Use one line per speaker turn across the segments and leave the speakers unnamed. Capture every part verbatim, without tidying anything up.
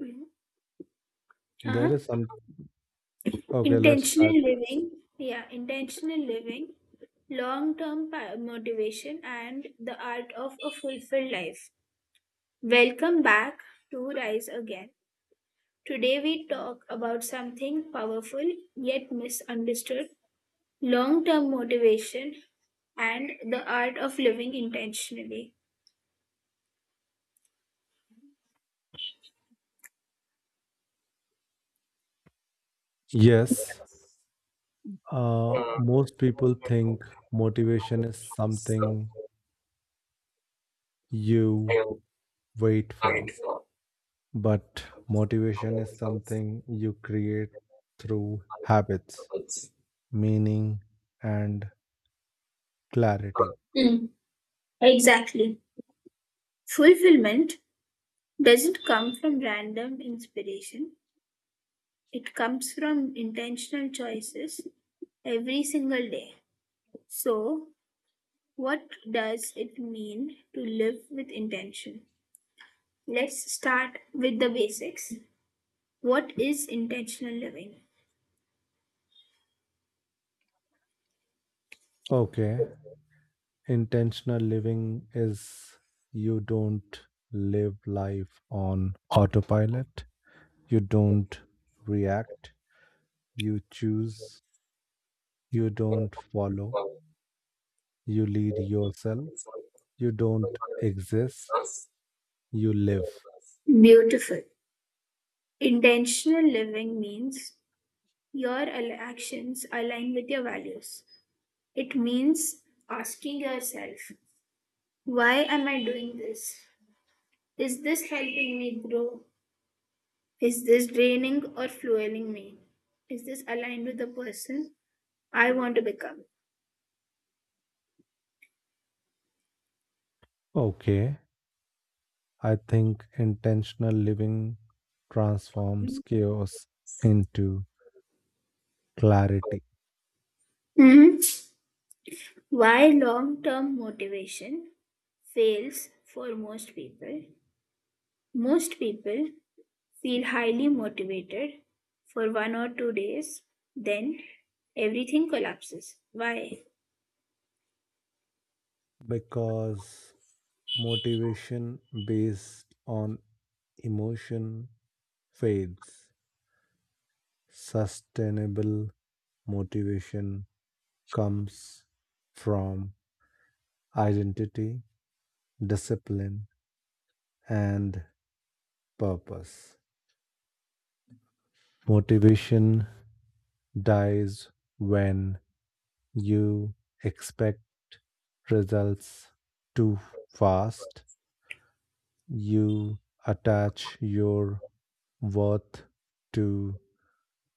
uh Uh-huh.
There is some. Okay, let's start.
Intentional living, yeah, intentional living, long term motivation, and the art of a fulfilled life. Welcome back to Rise Again. Today, we talk about something powerful yet misunderstood, long term motivation and the art of living intentionally.
Yes, uh, most people think motivation is something you wait for, but motivation is something you create through habits, meaning, and clarity.
Mm, exactly. Fulfillment doesn't come from random inspiration, it comes from intentional choices every single day. So, what does it mean to live with intention? Let's start with the basics. What is intentional living?
Okay, intentional living is you don't live life on autopilot, you don't react, you choose, you don't follow. You lead yourself. You don't exist. You live.
Beautiful. Intentional living means your al- actions align with your values. It means asking yourself, why am I doing this? Is this helping me grow? Is this draining or fueling me? Is this aligned with the person I want to become?
Okay. I think intentional living transforms chaos into clarity
Mhm. Why long term motivation fails for most people? Most people feel highly motivated for one or two days, then everything collapses. Why?
because motivation based on emotion fades. Sustainable motivation comes from identity, discipline, and purpose. Motivation dies when you expect results too fast. You attach your worth to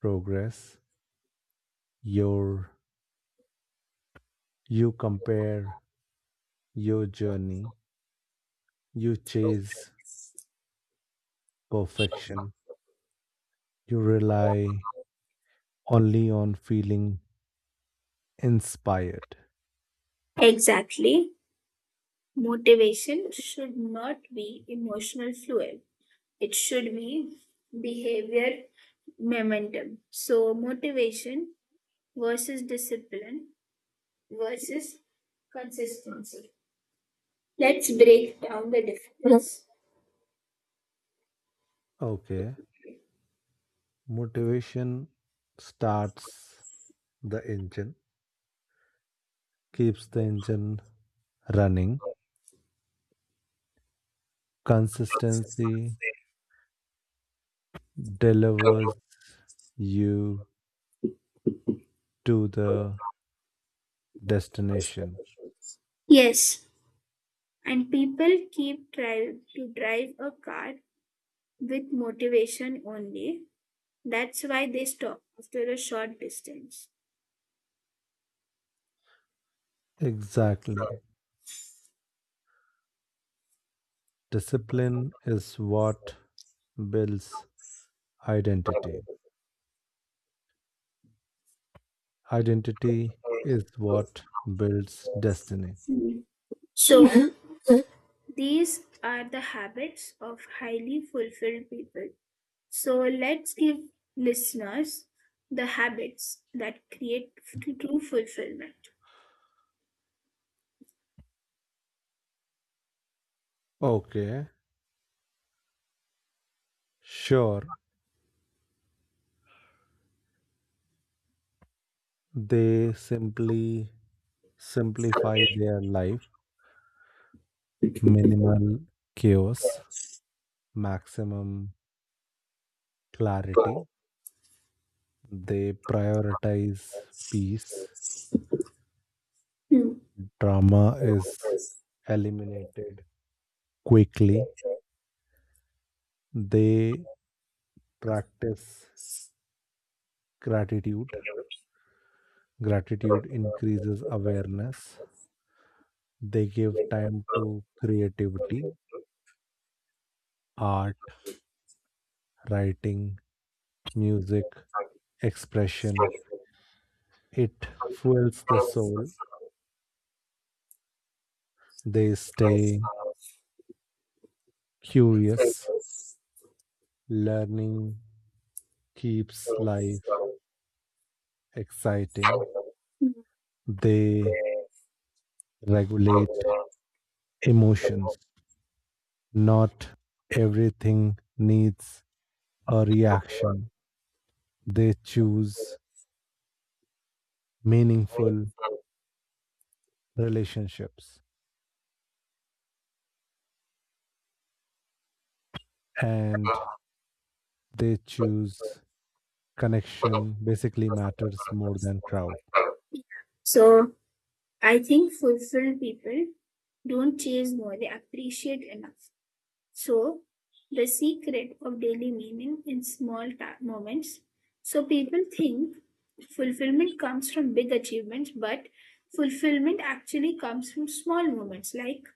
progress. Your you compare your journey. You chase perfection. You rely only on feeling inspired.
Exactly. Motivation should not be emotional fuel. It should be behavior momentum. So, motivation versus discipline versus consistency. Let's break down the difference.
Okay. Motivation starts the engine, keeps the engine running. Consistency delivers you to the destination.
Yes, and people keep trying to drive a car with motivation only. That's why they stop after a short distance.
Exactly. Discipline is what builds identity. Identity is what builds destiny.
So, mhm, these are the habits of highly fulfilled people. So let's give listeners the habits that create f- true fulfillment.
Okay, sure. They simply simplify their life. Minimal chaos, maximum clarity. They prioritize peace,
Hmm.
trauma is eliminated quickly. They practice gratitude. Gratitude increases awareness. They give time to creativity, art, writing, music, expression. It fuels the soul. They stay curious. Learning keeps life exciting. They regulate emotions. Not everything needs a reaction. They choose meaningful relationships, and they choose connection basically matters more than crowd.
So I think fulfilled people don't chase more, they appreciate enough. So the secret of daily meaning in small ta- moments. So people think fulfillment comes from big achievements, but fulfillment actually comes from small moments like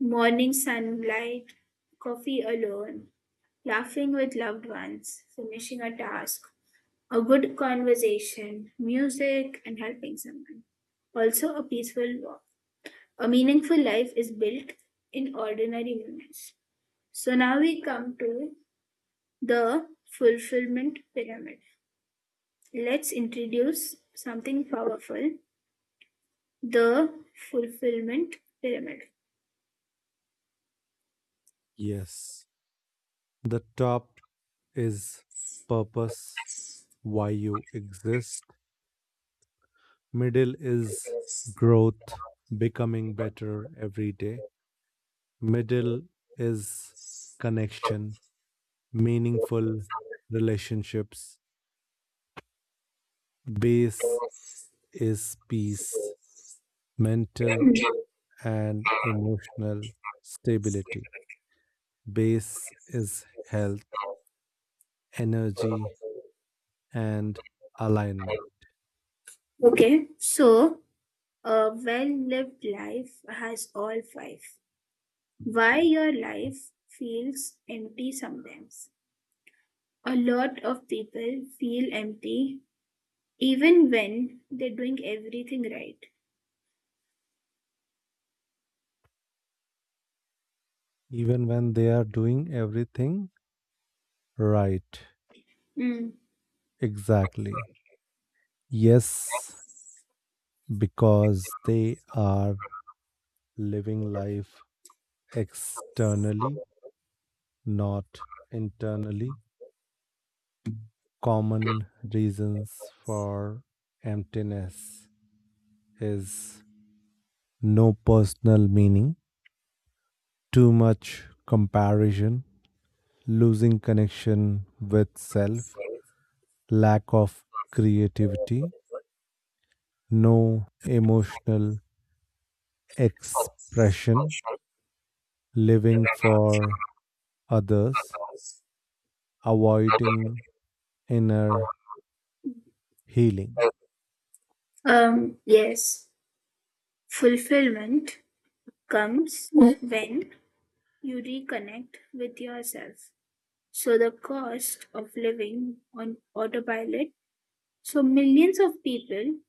morning sunlight, coffee alone, laughing with loved ones, finishing a task, a good conversation, music, and helping someone. Also, a peaceful walk. A meaningful life is built in ordinary moments. So, now we come to the fulfillment pyramid. Let's introduce something powerful, the fulfillment pyramid.
Yes. The top is purpose, why you exist. Middle is growth, becoming better every day. Middle is connection, meaningful relationships. Base is peace, mental and emotional stability. Base is health, energy, and alignment.
Okay, so a well lived life has all five. Why your life feels empty sometimes. A lot of people feel empty even when they're doing everything right.
Even when they are doing everything right.
Mm.
Exactly. Yes, because they are living life externally, not internally. Common reasons for emptiness is no personal meaning, too much comparison, losing connection with self, lack of creativity, no emotional expression, living for others, avoiding inner healing.
Um, yes, fulfillment comes when you reconnect with yourself. So, the cost of living on autopilot. So, millions of people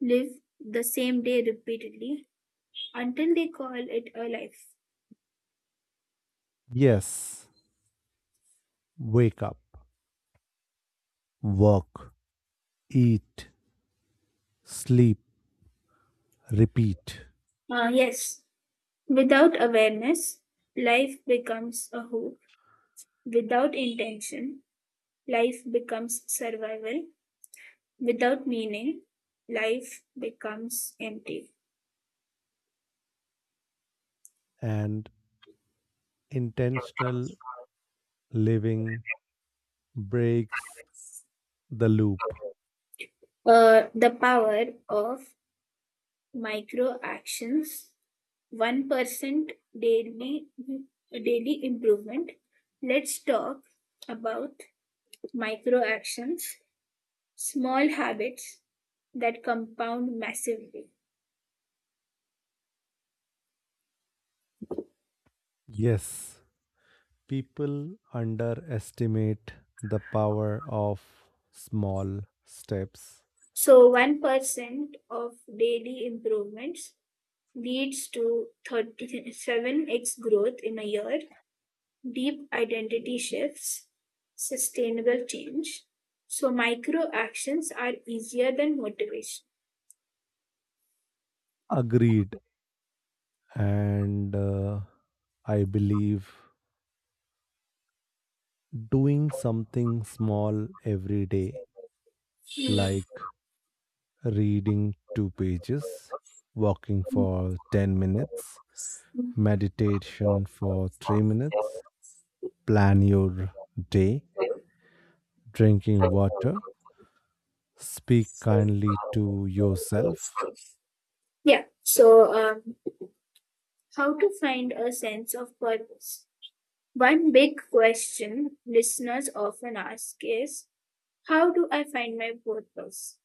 live the same day repeatedly until they call it a life.
Yes, wake up, work, eat, sleep, repeat,
Uh, yes, without awareness, life becomes a hoop. Without intention, life becomes survival. Without meaning, life becomes empty.
and intentional living breaks the loop.
Uh, the power of micro actions, one percent daily, daily improvement. Let's talk about micro actions, small habits that compound massively.
Yes, people underestimate the power of small steps.
So one percent of daily improvements leads to thirty-seven x growth in a year, deep identity shifts, sustainable change. So micro actions are easier than motivation.
Agreed. And uh, I believe doing something small every day, like reading two pages, walking for ten minutes, meditation for three minutes, plan your day, drinking water, speak kindly to yourself.
Yeah. So, um, how to find a sense of purpose? One big question listeners often ask is, how do I find my purpose?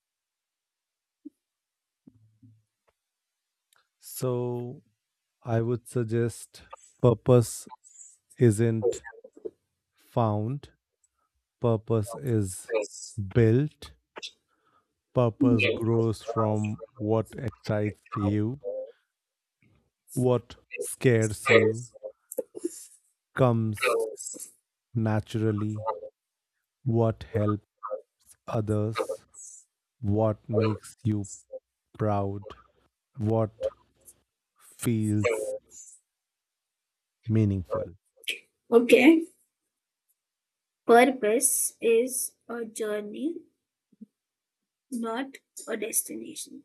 So, I would suggest purpose isn't found, purpose is built. Purpose
Yes.
grows from what excites you, what scares you, comes naturally, what helps others, what makes you proud, what feels meaningful.
Okay. Purpose is a journey, not a destination.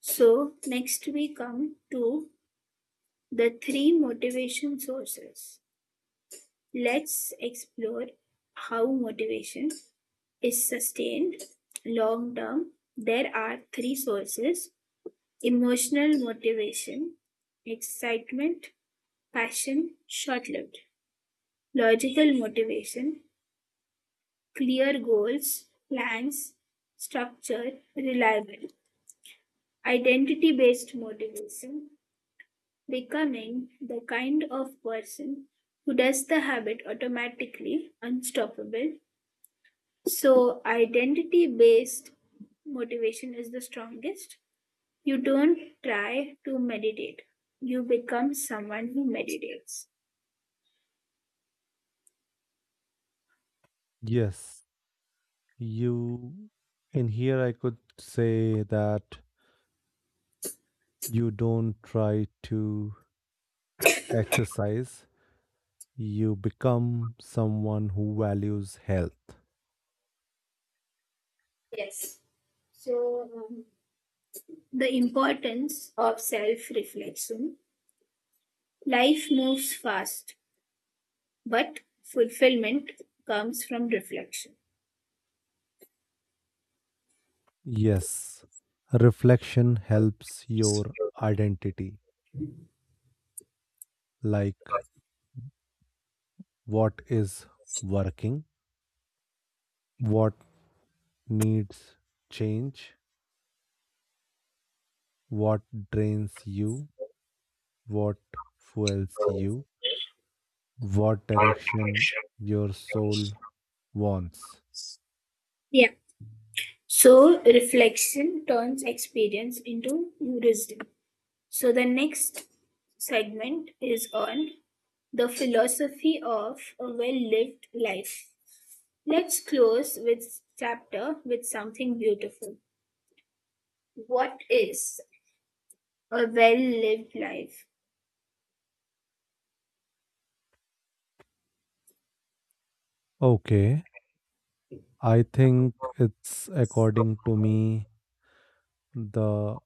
So, next we come to the three motivation sources. Let's explore how motivation is sustained long term. There are three sources: emotional motivation, excitement, passion, short lived; logical motivation, clear goals, plans, structure, reliable; identity based motivation, becoming the kind of person who does the habit automatically, unstoppable. So, identity based motivation is the strongest. You don't try to meditate, you become someone who meditates.
Yes, you in here I could say that you don't try to exercise, you become someone who values health.
Yes. So, um, the importance of self reflection. Life moves fast, but fulfillment comes from reflection.
Yes, reflection helps your identity, like what is working, what needs change, what drains you, what fuels you, what direction your soul wants.
Yeah. So reflection turns experience into wisdom. So the next segment is on the philosophy of a well-lived life. Let's close with chapter with something beautiful. What is a well-lived life?
Okay, I think it's according to me the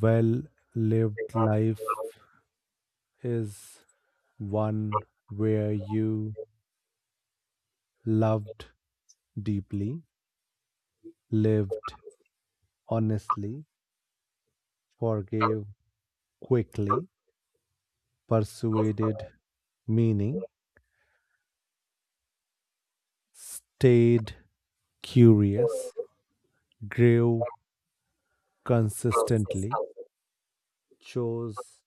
well lived life is one where you loved deeply, lived honestly, forgave quickly, persuaded meaning, stayed curious, grew consistently, chose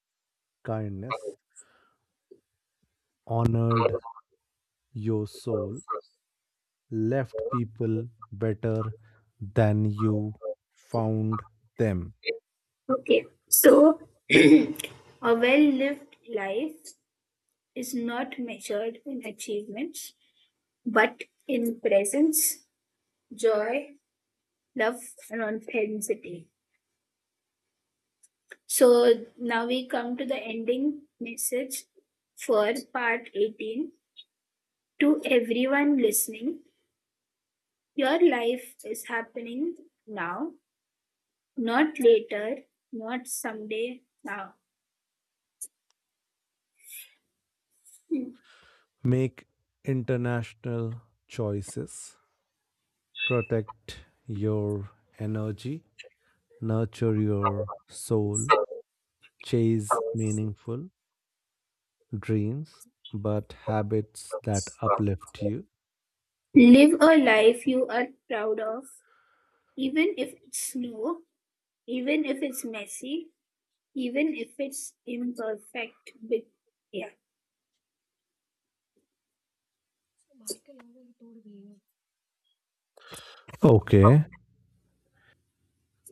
kindness, honored your soul, left people better than you found them.
Okay, so a well-lived life is not measured in achievements, but in presence, joy, love, and authenticity. So now we come to the ending message for part eighteen. To everyone listening, your life is happening now, not later, not someday, now.
Make international choices. Protect your energy. Nurture your soul. Chase meaningful dreams, but habits that uplift you.
Live a life you are proud of, even if it's slow, even if it's messy, even if it's imperfect. With yeah.
Okay,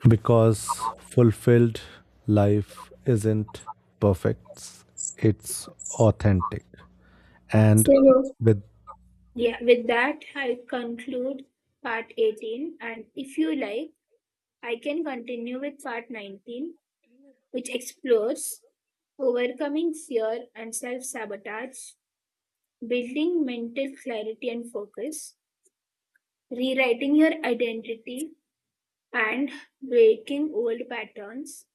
because fulfilled life isn't perfect, it's authentic. And
So,
with
yeah, with that, I conclude part eighteen. And if you like, I can continue with part nineteen, which explores overcoming fear and self sabotage, building mental clarity and focus, rewriting your identity, and breaking old patterns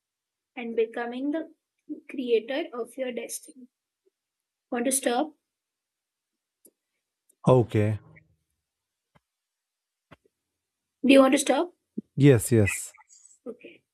and becoming the creator of your destiny. Want to stop?
okay,
Do you want to stop?
yes, yes.
Okay.